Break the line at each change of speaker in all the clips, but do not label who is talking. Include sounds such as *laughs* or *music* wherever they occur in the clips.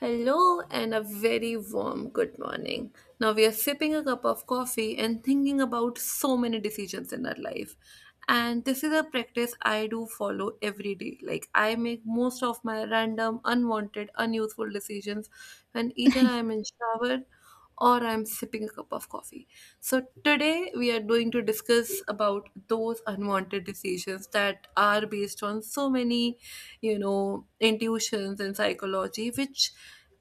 Hello and a very warm good morning. Now we are sipping a cup of coffee and thinking about so many decisions in our life. And this is a practice I do follow every day. Like I make most of my random, unwanted, unuseful decisions when either I'm in shower or I'm sipping a cup of coffee. So today we are going to discuss about those unwanted decisions that are based on so many intuitions and psychology, which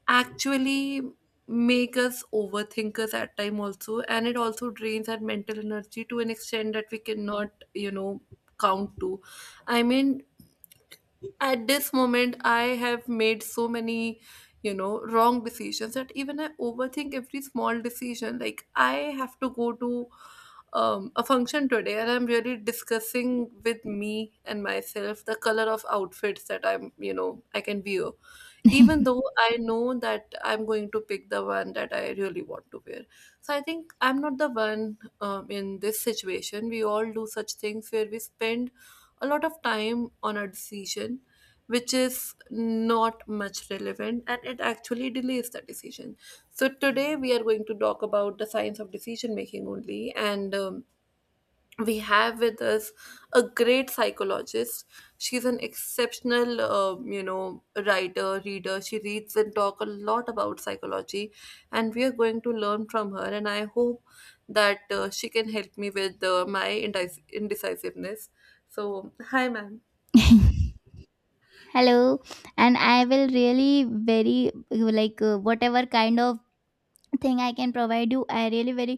actually make us overthinkers at time also, and it also drains our mental energy to an extent that we cannot count to, i mean at this moment I have made so many wrong decisions that even I overthink every small decision. Like I have to go to a function today, and I'm really discussing with me and myself the color of outfits that I'm you know I can wear, even though I know that I'm going to pick the one that I really want to wear. So I think I'm not the one. In this situation, we all do such things where we spend a lot of time on a decision which is not much relevant, and it actually delays the decision. So, today we are going to talk about the science of decision making only, and we have with us a great psychologist. She's an exceptional, writer, reader. She reads and talk a lot about psychology, and we are going to learn from her. And I hope that she can help me with my indecisiveness. So, hi, ma'am.
Hello. And I will really very like whatever kind of thing I can provide you, I really very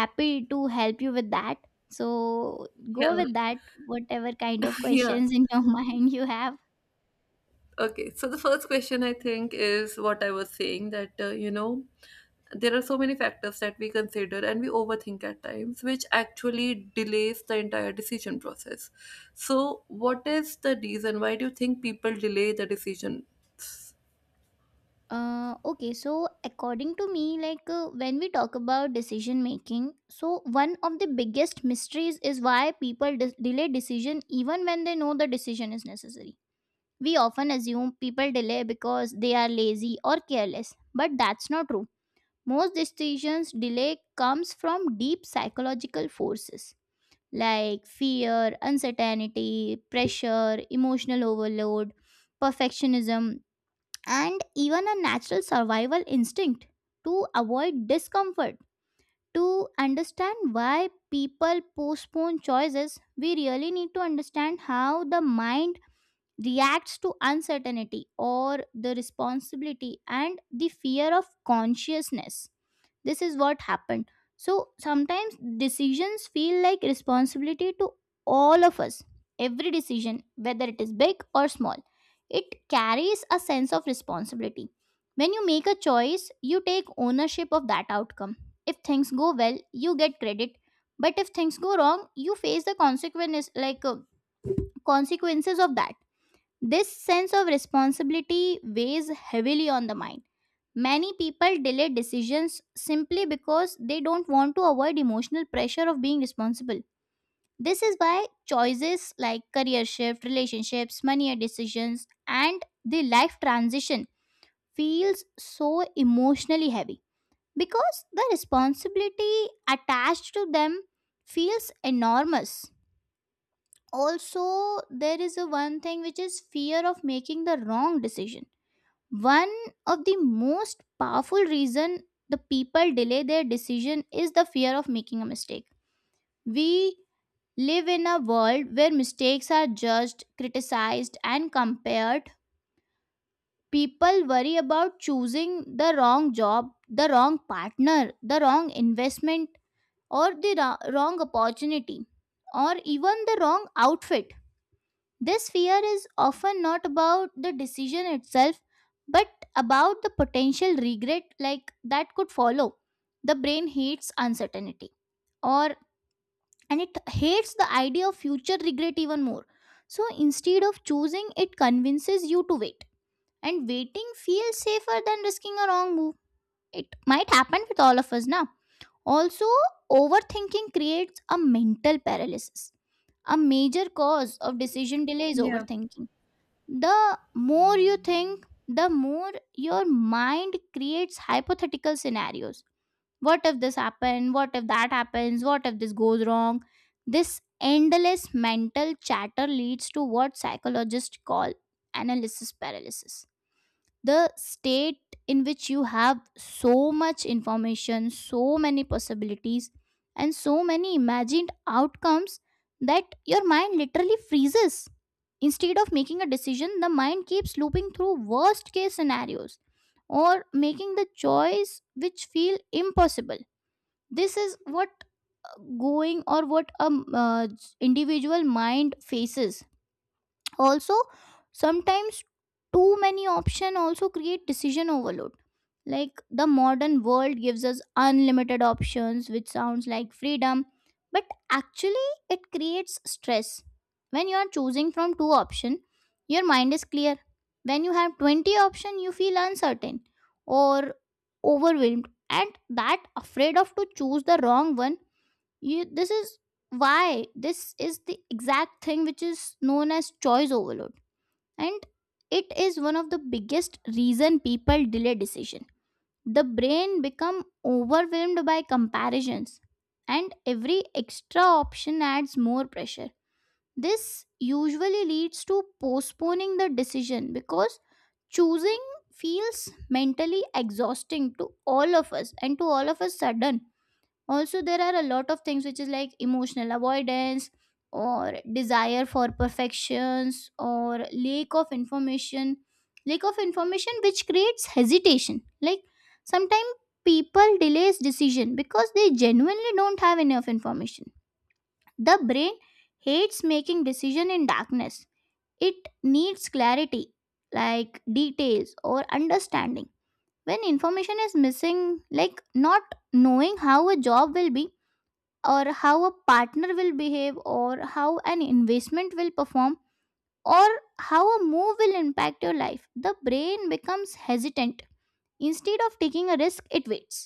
happy to help you with that. So go
Yeah,
with that, whatever kind of
*laughs* yeah.
questions in your *laughs* mind you have.
Okay, so the first question I think is what I was saying that, there are so many factors that we consider and we overthink at times, which actually delays the entire decision process. So, what is the reason? Why do you think people delay the decision?
Okay, so according to me, like when we talk about decision making, so one of the biggest mysteries is why people delay decision even when they know the decision is necessary. We often assume people delay because they are lazy or careless, but that's not true. Most decisions delay comes from deep psychological forces like fear, uncertainty, pressure, emotional overload, perfectionism, and even a natural survival instinct to avoid discomfort. To understand why people postpone choices, we really need to understand how the mind reacts to uncertainty or the responsibility and the fear of consciousness. This is what happened. So sometimes decisions feel like responsibility to all of us. Every decision, whether it is big or small, it carries a sense of responsibility. When you make a choice, you take ownership of that outcome. If things go well, you get credit. But if things go wrong, you face the consequences, like consequences of that. This sense of responsibility weighs heavily on the mind. Many people delay decisions simply because they don't want to avoid emotional pressure of being responsible. This is why choices like career shift, relationships, money decisions, and the life transition feels so emotionally heavy because the responsibility attached to them feels enormous. Also, there is a one thing which is fear of making the wrong decision. One of the most powerful reason the people delay their decision is the fear of making a mistake. We live in a world where mistakes are judged, criticized, and compared. People worry about choosing the wrong job, the wrong partner, the wrong investment, or the wrong opportunity, or even the wrong outfit. This fear is often not about the decision itself, but about the potential regret like that could follow. The brain hates uncertainty, or and it hates the idea of future regret even more. So instead of choosing, it convinces you to wait. And waiting feels safer than risking a wrong move. It might happen with all of us now. Also, overthinking creates a mental paralysis. A major cause of decision delay is
Yeah,
overthinking. The more you think, the more your mind creates hypothetical scenarios. What if this happens? What if that happens? What if this goes wrong? This endless mental chatter leads to what psychologists call analysis paralysis, the state in which you have so much information, so many possibilities, and so many imagined outcomes that your mind literally freezes. Instead of making a decision, the mind keeps looping through worst case scenarios, or making the choice which feel impossible. This is what going, or what a individual mind faces. Also, sometimes too many options also create decision overload. Like, the modern world gives us unlimited options which sounds like freedom, but actually it creates stress. When you are choosing from two options, your mind is clear. When you have 20 options, you feel uncertain or overwhelmed, and that afraid of to choose the wrong one. You This is why this is the exact thing which is known as choice overload, and it is one of the biggest reason people delay decision. The brain become overwhelmed by comparisons, and every extra option adds more pressure. This usually leads to postponing the decision because choosing feels mentally exhausting to all of us, and to all of us sudden. Also, there are a lot of things which is like emotional avoidance, or desire for perfections, or lack of information. Lack of information which creates hesitation, like sometimes people delays decision because they genuinely don't have enough information. The brain hates making decision in darkness. It needs clarity, like details or understanding. When information is missing, like not knowing how a job will be, or how a partner will behave, or how an investment will perform, or how a move will impact your life, the brain becomes hesitant. Instead of taking a risk, it waits.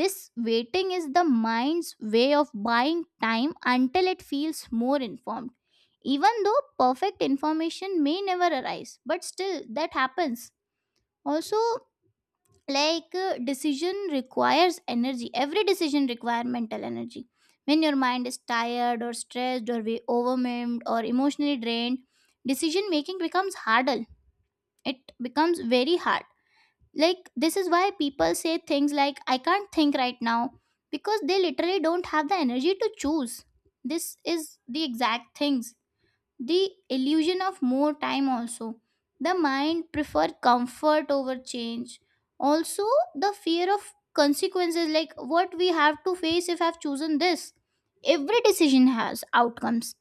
This waiting is the mind's way of buying time until it feels more informed, even though perfect information may never arise, but still that happens. Also, like decision requires energy. Every decision require mental energy. When your mind is tired, or stressed, or we overwhelmed, or emotionally drained, decision making becomes harder. It becomes very hard. Like, this is why people say things like I can't think right now, because they literally don't have the energy to choose. This is the exact things. The illusion of more time also, the mind prefer comfort over change. Also, the fear of consequences, like what we have to face if I've chosen this. Every decision has outcomes.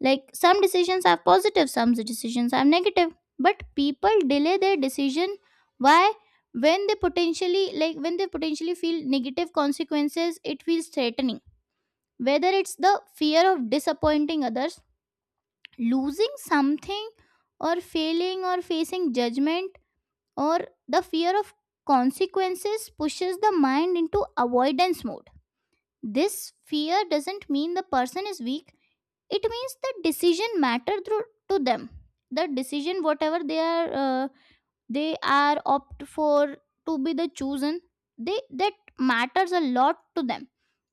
Like, some decisions are positive, some decisions are negative, but people delay their decision. Why? When they potentially, like when they potentially feel negative consequences, it feels threatening. Whether it's the fear of disappointing others, losing something, or failing, or facing judgment, or the fear of consequences pushes the mind into avoidance mode. This fear doesn't mean the person is weak. It means the decision matter through to them. The decision whatever they are opt for to be the chosen, they that matters a lot to them.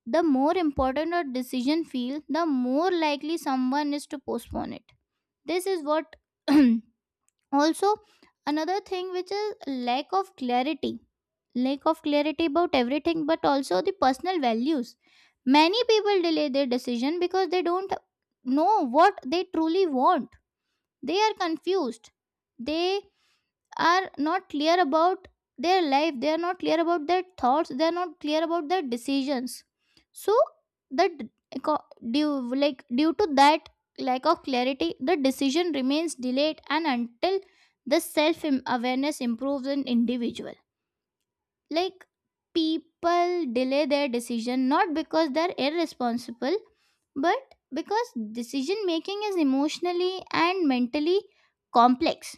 The more important a decision feel, the more likely someone is to postpone it. This is what. *clears throat* Also, another thing which is lack of clarity. Lack of clarity about everything, but also the personal values. Many people delay their decision because they don't know what they truly want. They are confused. They are not clear about their life, they are not clear about their thoughts, they are not clear about their decisions. So that, due to that lack of clarity, the decision remains delayed, and until the self awareness improves in individual. Like, people delay their decision not because they're irresponsible, but because decision making is emotionally and mentally complex.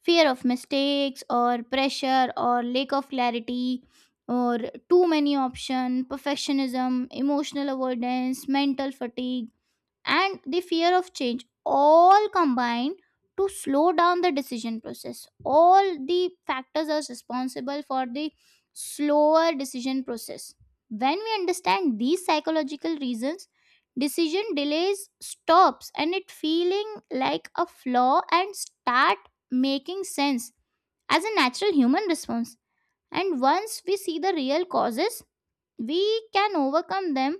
Fear of mistakes, or pressure, or lack of clarity, or too many option, perfectionism, emotional avoidance, mental fatigue, and the fear of change all combine to slow down the decision process. All the factors are responsible for the slower decision process. When we understand these psychological reasons, decision delays stops and it feeling like a flaw, and start making sense as a natural human response. And once we see the real causes, we can overcome them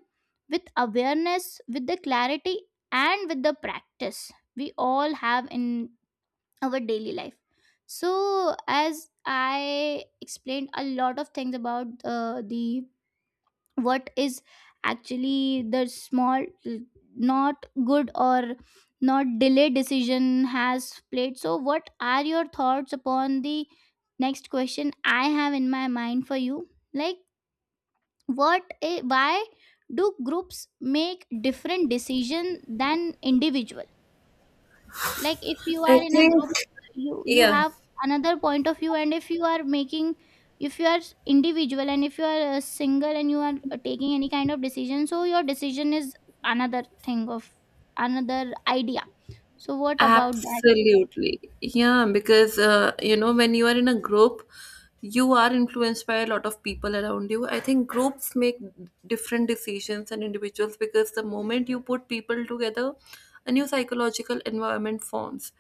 with awareness, with the clarity, and with the practice we all have in our daily life. So, as I explained a lot of things about the what is actually the small not good or not delayed decision has played. So what are your thoughts upon the next question I have in my mind for you? Like, why do groups make different decision than individual? Like, if you
I
are in a
think,
group, you
yeah.
have another point of view. And if you are making, if you are individual, and if you are a single, and you are taking any kind of decision, so your decision is another thing of another idea. So what about that?
Absolutely. Yeah, because when you are in a group, you are influenced by a lot of people around you. I think groups make different decisions than individuals because the moment you put people together, a new psychological environment forms.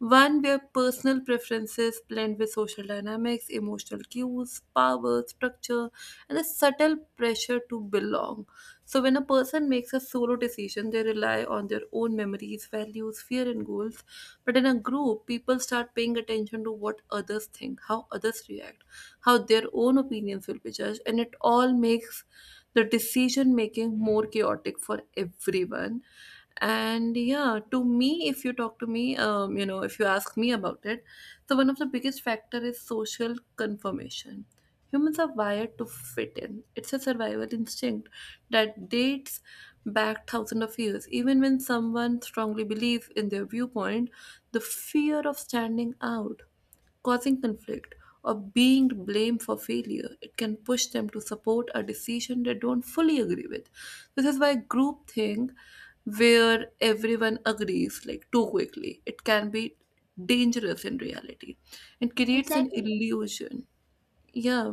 One where personal preferences blend with social dynamics, emotional cues, power, structure, and a subtle pressure to belong. So, when a person makes a solo decision, they rely on their own memories, values, fear, and goals. But in a group, people start paying attention to what others think, how others react, how their own opinions will be judged, and it all makes the decision making more chaotic for everyone. And yeah, to me, if you talk to me, if you ask me about it, so one of the biggest factor is social confirmation. Humans are wired to fit in. It's a survival instinct that dates back thousands of years. Even when someone strongly believes in their viewpoint, the fear of standing out, causing conflict, or being blamed for failure, it can push them to support a decision they don't fully agree with. This is why groupthink, where everyone agrees like too quickly, it can be dangerous in reality. It creates an
Exactly.
illusion, yeah,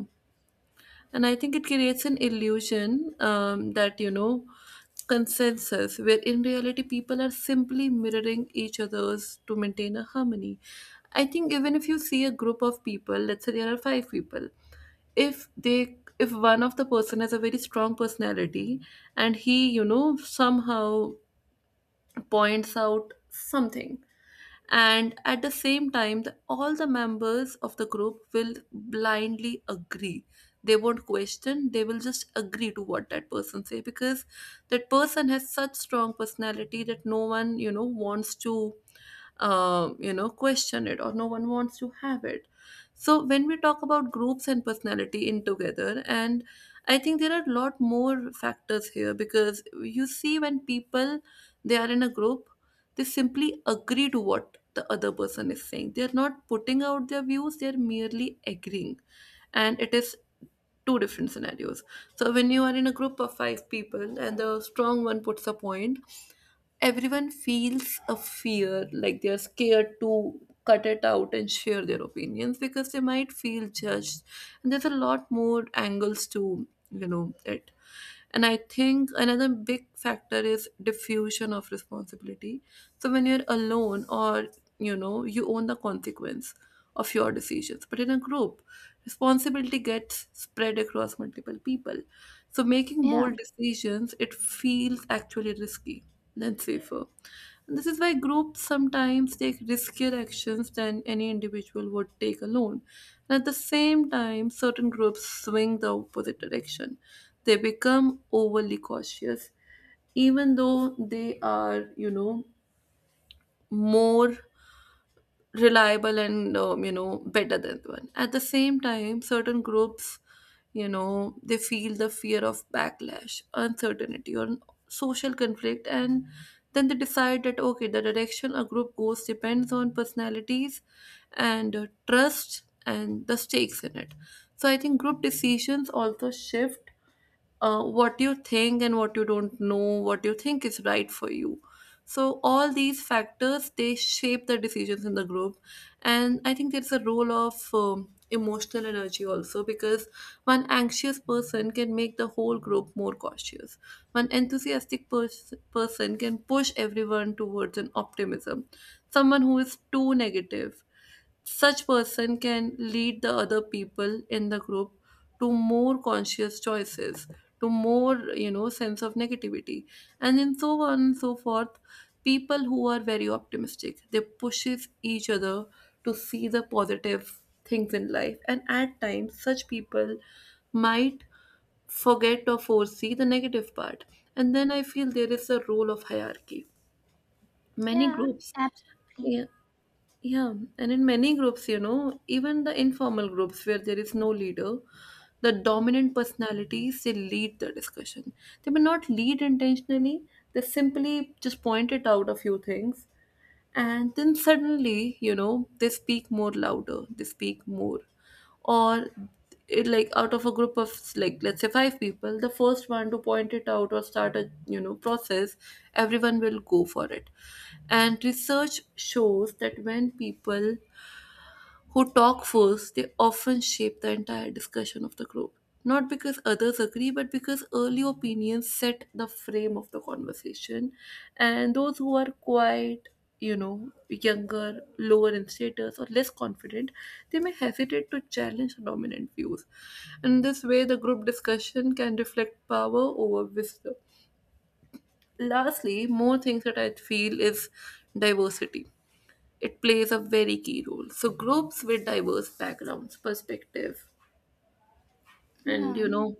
and I think it creates an illusion, that, consensus, where in reality people are simply mirroring each other's to maintain a harmony. I think even if you see a group of people, let's say there are five people, if one of the person has a very strong personality, and he, you know, somehow points out something, and at the same time all the members of the group will blindly agree. They won't question, they will just agree to what that person say, because that person has such strong personality that no one wants to question it, or no one wants to have it. So when we talk about groups and personality in together, and I think there are a lot more factors here because you see when people they are in a group, they simply agree to what the other person is saying, they're not putting out their views, they're merely agreeing, and it is two different scenarios. So when you are in a group of five people and the strong one puts a point, everyone feels a fear, like they're scared to cut it out and share their opinions because they might feel judged. And there's a lot more angles to it. And I think another big factor is diffusion of responsibility. So when you're alone or, you own the consequence of your decisions. But in a group, responsibility gets spread across multiple people. So making
Yeah.
bold decisions, it feels actually risky than safer. And this is why groups sometimes take riskier actions than any individual would take alone. And at the same time, certain groups swing the opposite direction. They become overly cautious even though they are more reliable and better than one. At the same time, certain groups, they feel the fear of backlash, uncertainty or social conflict, and then they decide that okay, the direction a group goes depends on personalities and trust and the stakes in it. So I think group decisions also shift what you think and what you don't know, what you think is right for you. So all these factors they shape the decisions in the group, and I think there's a role of emotional energy also, because one anxious person can make the whole group more cautious. One enthusiastic person can push everyone towards an optimism. Someone who is too negative, such person can lead the other people in the group to more conscious choices, to more sense of negativity, and then so on and so forth. People who are very optimistic, they pushes each other to see the positive things in life, and at times such people might forget or foresee the negative part. And then I feel there is a role of hierarchy. Many
Yeah,
groups.
absolutely.
Yeah, yeah. And in many groups, even the informal groups where there is no leader, the dominant personalities they lead the discussion. They may not lead intentionally, they simply just point it out a few things, and then suddenly they speak more louder, they speak more, or it like out of a group of like let's say five people, the first one to point it out or start a process, everyone will go for it. And research shows that when people who talk first, they often shape the entire discussion of the group. Not because others agree, but because early opinions set the frame of the conversation. And those who are quiet, younger, lower in status, or less confident, they may hesitate to challenge the dominant views. In this way, the group discussion can reflect power over wisdom. Lastly, more things that I feel is diversity, it plays a very key role. So groups with diverse backgrounds, perspective, and
Yeah.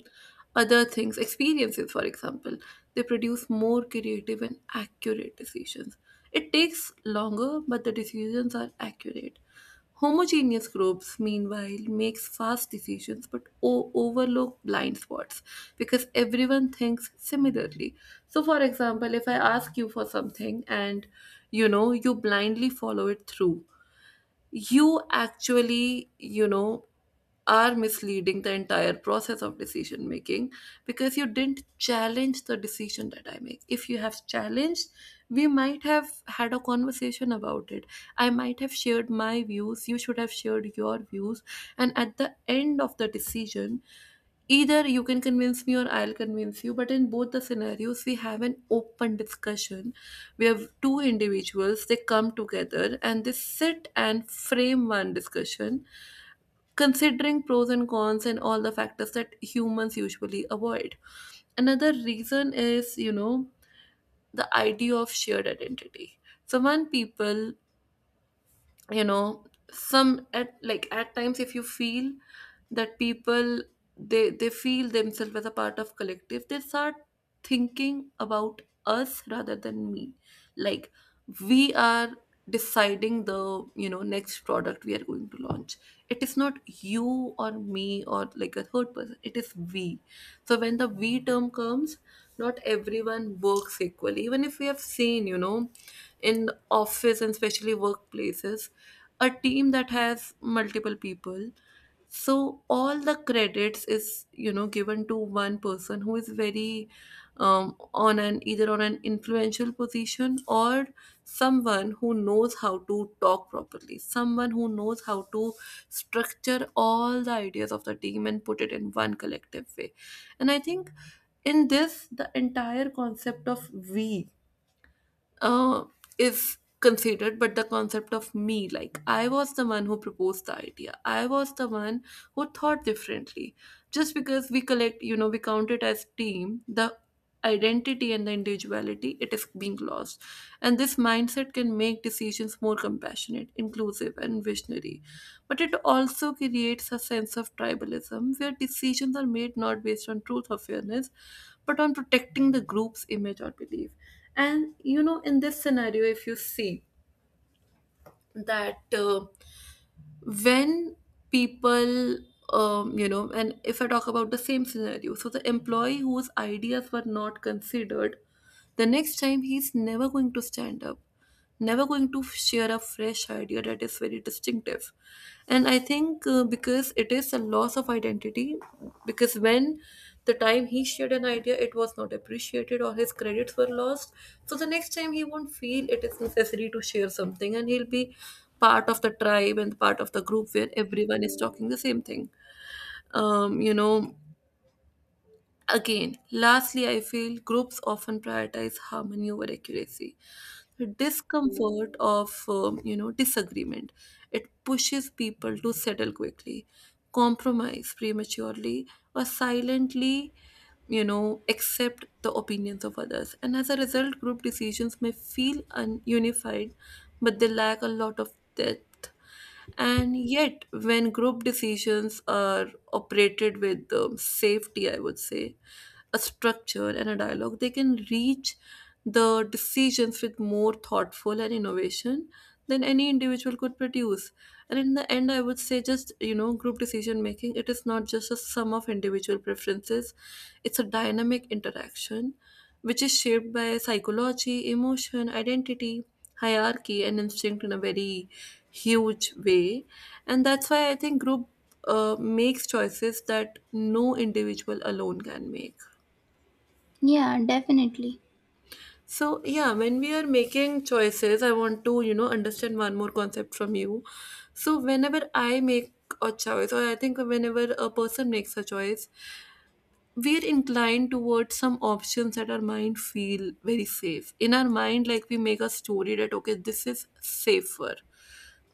other things, experiences, for example, they produce more creative and accurate decisions. It takes longer, but the decisions are accurate. Homogeneous groups, meanwhile, makes fast decisions but overlook blind spots because everyone thinks similarly. So, for example, if I ask you for something and you blindly follow it through, you actually are misleading the entire process of decision making, because you didn't challenge the decision that I make. If you have challenged, we might have had a conversation about it. I might have shared my views, you should have shared your views, and at the end of the decision either you can convince me or I'll convince you, but in both the scenarios, we have an open discussion. We have two individuals, they come together and they sit and frame one discussion, considering pros and cons and all the factors that humans usually avoid. Another reason is, the idea of shared identity. So, one people you know some at like at times if you feel that people they feel themselves as a part of collective, they start thinking about us rather than me. Like we are deciding the next product we are going to launch. It is not you or me or like a third person, it is we. So when the we term comes, not everyone works equally, even if we have seen in office and especially workplaces a team that has multiple people. So all the credits is given to one person who is very on an either on an influential position, or someone who knows how to talk properly, someone who knows how to structure all the ideas of the team and put it in one collective way. And I think in this the entire concept of we, uh, is considered, but the concept of me, like I was the one who proposed the idea, I was the one who thought differently. Just because we collect, we count it as team, the identity and the individuality it is being lost. And this mindset can make decisions more compassionate, inclusive and visionary, but it also creates a sense of tribalism where decisions are made not based on truth or fairness, but on protecting the group's image or belief. And in this scenario, if you see that when people, and if I talk about the same scenario, so the employee whose ideas were not considered, the next time he's never going to stand up, never going to share a fresh idea that is very distinctive. And I think because it is a loss of identity, because when the time he shared an idea, it was not appreciated or his credits were lost. So the next time he won't feel it is necessary to share something, and he'll be part of the tribe and part of the group where everyone is talking the same thing. Um, you know, Again, lastly, I feel groups often prioritize harmony over accuracy. The discomfort of disagreement, it pushes people to settle quickly, compromise prematurely, or silently accept the opinions of others. And as a result, group decisions may feel ununified, but they lack a lot of depth. And yet, when group decisions are operated with safety, I would say, a structure and a dialogue, they can reach the decisions with more thoughtful and innovation than any individual could produce. And in the end, I would say just, group decision making, it is not just a sum of individual preferences, it's a dynamic interaction which is shaped by psychology, emotion, identity, hierarchy and instinct in a very huge way. And that's why I think group makes choices that no individual alone can make.
Yeah, definitely.
So yeah, when we are making choices, I want to understand one more concept from you. So whenever I make a choice, or I think whenever a person makes a choice, we are inclined towards some options that our mind feel very safe in our mind, like we make a story that okay, this is safer,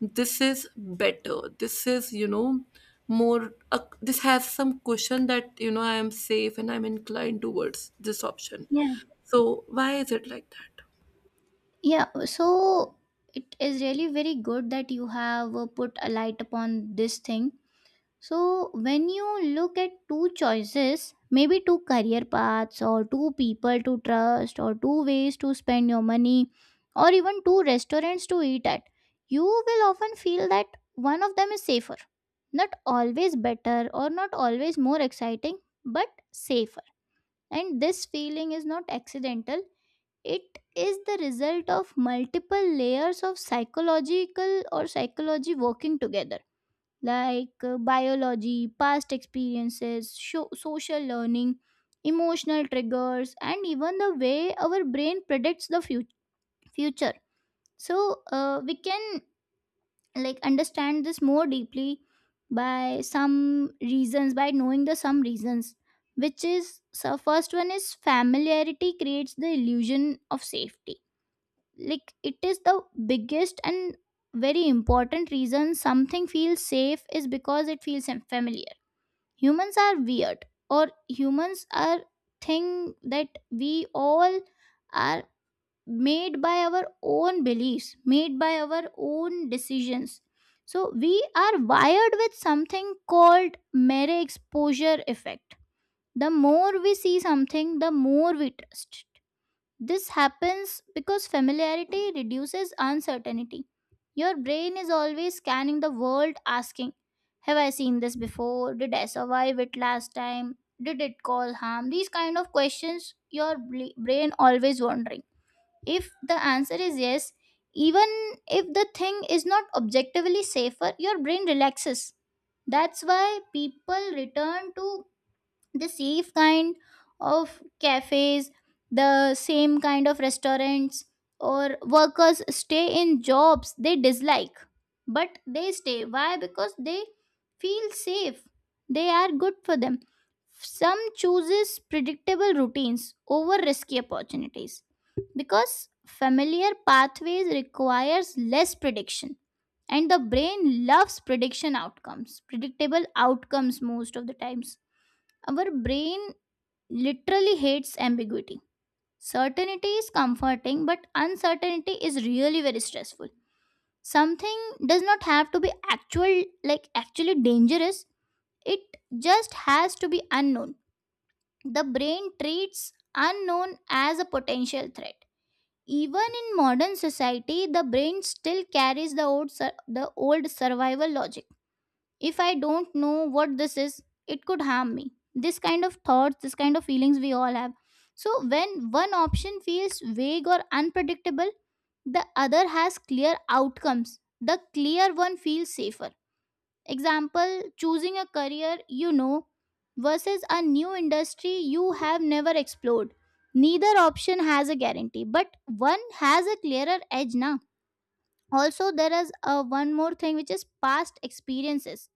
this is better, this is more, this has some cushion that I am safe and I'm inclined towards this option.
Yeah.
So why is it like that?
Yeah, so it is really very good that you have put a light upon this thing. So, when you look at two choices, maybe two career paths, or two people to trust, or two ways to spend your money, or even two restaurants to eat at, you will often feel that one of them is safer. Not always better, or not always more exciting, but safer. And this feeling is not accidental. It is the result of multiple layers of psychological or psychology working together, like biology, past experiences, social learning, emotional triggers, and even the way our brain predicts the future. So, we can like understand this more deeply by some reasons, by knowing the some reasons, which is. So first one is familiarity creates the illusion of safety. Like, it is the biggest and very important reason something feels safe is because it feels familiar. Humans are weird, or humans are thing that we all are made by our own beliefs, made by our own decisions. So we are wired with something called mere exposure effect. The more we see something, the more we trust. This happens because familiarity reduces uncertainty. Your brain is always scanning the world asking, have I seen this before? Did I survive it last time? Did it cause harm? These kind of questions your brain always wondering. If the answer is yes, even if the thing is not objectively safer, your brain relaxes. That's why people return to the safe kind of cafes, the same kind of restaurants, or workers stay in jobs they dislike, but they stay. Why? Because they feel safe, they are good for them. Some chooses predictable routines over risky opportunities because familiar pathways requires less prediction, and the brain loves prediction outcomes, predictable outcomes most of the times. Our brain literally hates ambiguity. Certainty is comforting, but uncertainty is really very stressful. Something does not have to be actual, like actually dangerous. It just has to be unknown. The brain treats unknown as a potential threat. Even in modern society, the brain still carries the old, the old survival logic. If I don't know what this is, it could harm me. This kind of thoughts, this kind of feelings we all have. So, when one option feels vague or unpredictable, the other has clear outcomes. The clear one feels safer. Example, choosing a career you know versus a new industry you have never explored. Neither option has a guarantee, but one has a clearer edge now. Also, there is one more thing, which is past experiences.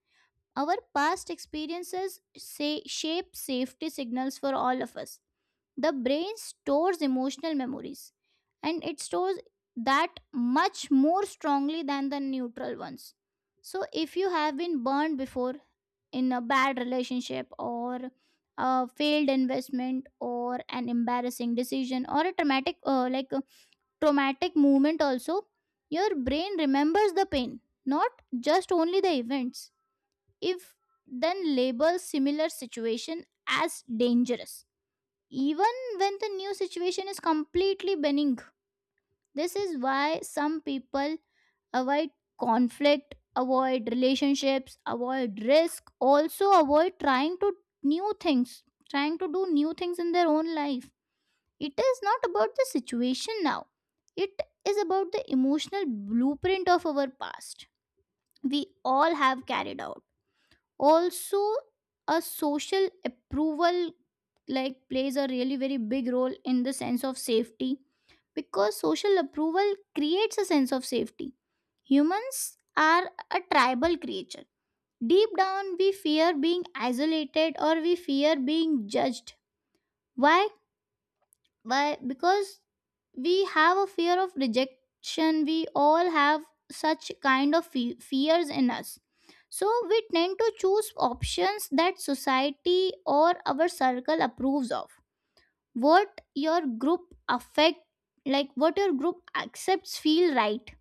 Our past experiences say, shape safety signals for all of us. The brain stores emotional memories, and it stores that much more strongly than the neutral ones. So, if you have been burned before in a bad relationship, or a failed investment, or an embarrassing decision, or a traumatic, like a traumatic moment, also, your brain remembers the pain, not just only the events. If then label similar situation as dangerous, even when the new situation is completely benign. This is why some people avoid conflict, avoid relationships, avoid risk, also avoid trying to new things, trying to do new things in their own life. It is not about the situation now, it is about the emotional blueprint of our past we all have carried out. Also, a social approval like plays a really very big role in the sense of safety, because social approval creates a sense of safety. Humans are a tribal creature. Deep down, we fear being isolated, or we fear being judged. Why? Why? Because we have a fear of rejection. We all have such kind of fears in us. So we tend to choose options that society or our circle approves of. What your group affect, like what your group accepts feel right,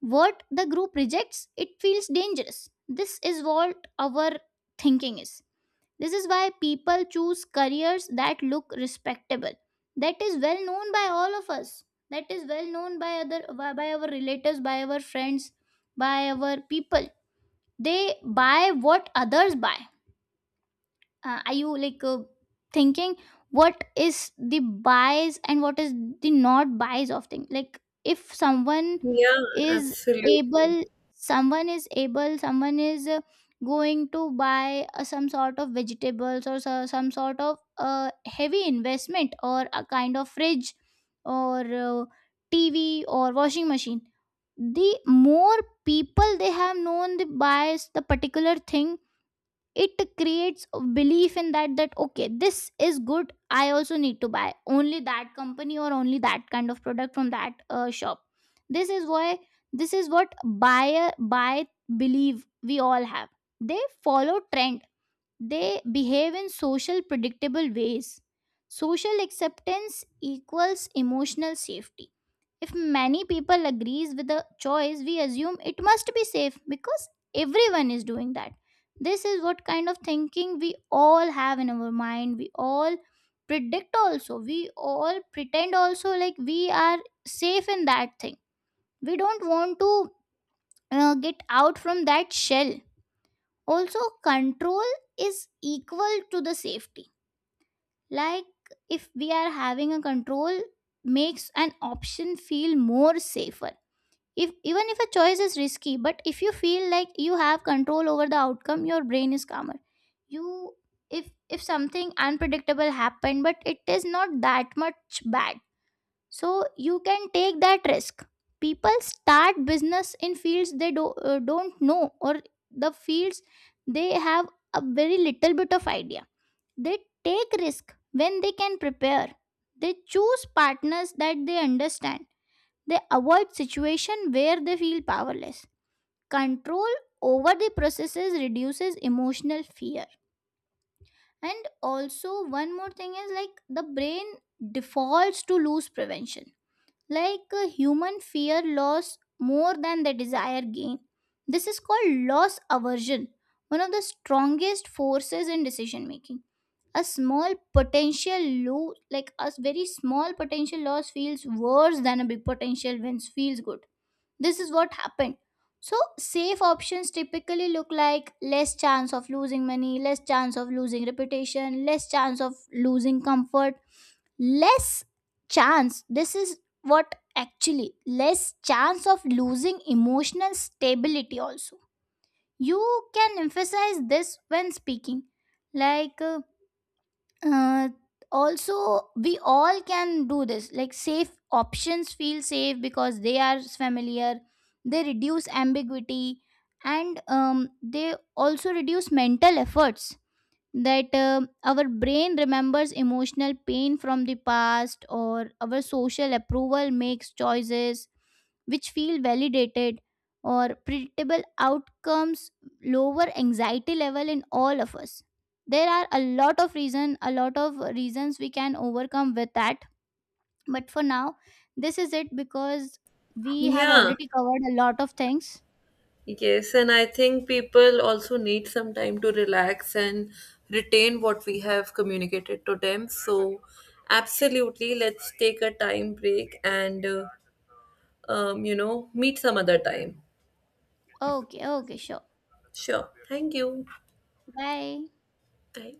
what the group rejects it feels dangerous. This is what our thinking is. This is why people choose careers that look respectable. That is well known by all of us. That is well known by other, by our relatives, by our friends, by our people. They buy what others buy. Are you like thinking what is the buys and what is the not buys of thing? Like if
Yeah,
is
absolutely.
able someone is able, someone is going to buy some sort of vegetables, or so, some sort of heavy investment, or a kind of fridge, or tv or washing machine. The more people they have known the buys the particular thing, it creates a belief in that, that okay, this is good, I also need to buy only that company or only that kind of product from that shop. this is why this is what buyer buy believe we all have. They follow trends, they behave in social predictable ways. Social acceptance equals emotional safety. If many people agrees with a choice, we assume it must be safe because everyone is doing that. This is what kind of thinking we all have in our mind. We all predict also. We all pretend also like we are safe in that thing. We don't want to get out from that shell. Also, control is equal to the safety. Like if we are having a control makes an option feel more safer. If, even if a choice is risky, but if you feel like you have control over the outcome, your brain is calmer. You, if something unpredictable happened but it is not that much bad, so you can take that risk. People start business in fields they don't know, or the fields they have a very little bit of idea. They take risk when they can prepare. They choose partners that they understand. They avoid situation where they feel powerless. Control over the processes reduces emotional fear. And also one more thing is, like, the brain defaults to lose prevention. Like a human fear loss more than the desire gain. This is called loss aversion, one of the strongest forces in decision making. A small potential loss, like a very small potential loss feels worse than a big potential win feels good. This is what happened. So safe options typically look like less chance of losing money, less chance of losing reputation, less chance of losing comfort, less chance, this is what actually, less chance of losing emotional stability also. You can emphasize this when speaking, like uh, also we all can do this. Like safe options feel safe because they are familiar, they reduce ambiguity, and they also reduce mental efforts. That, our brain remembers emotional pain from the past, or our social approval makes choices which feel validated, or predictable outcomes lower anxiety level in all of us. There are a lot of reason, a lot of reasons we can overcome with that, but for now this is it, because we have
Yeah,
already covered a lot of things.
yes. And I think people also need some time to relax and retain what we have communicated to them. So, absolutely, let's take a time break and, um, you know, meet some other time.
Okay, okay, sure.
Sure. Thank you.
Bye.
Bye.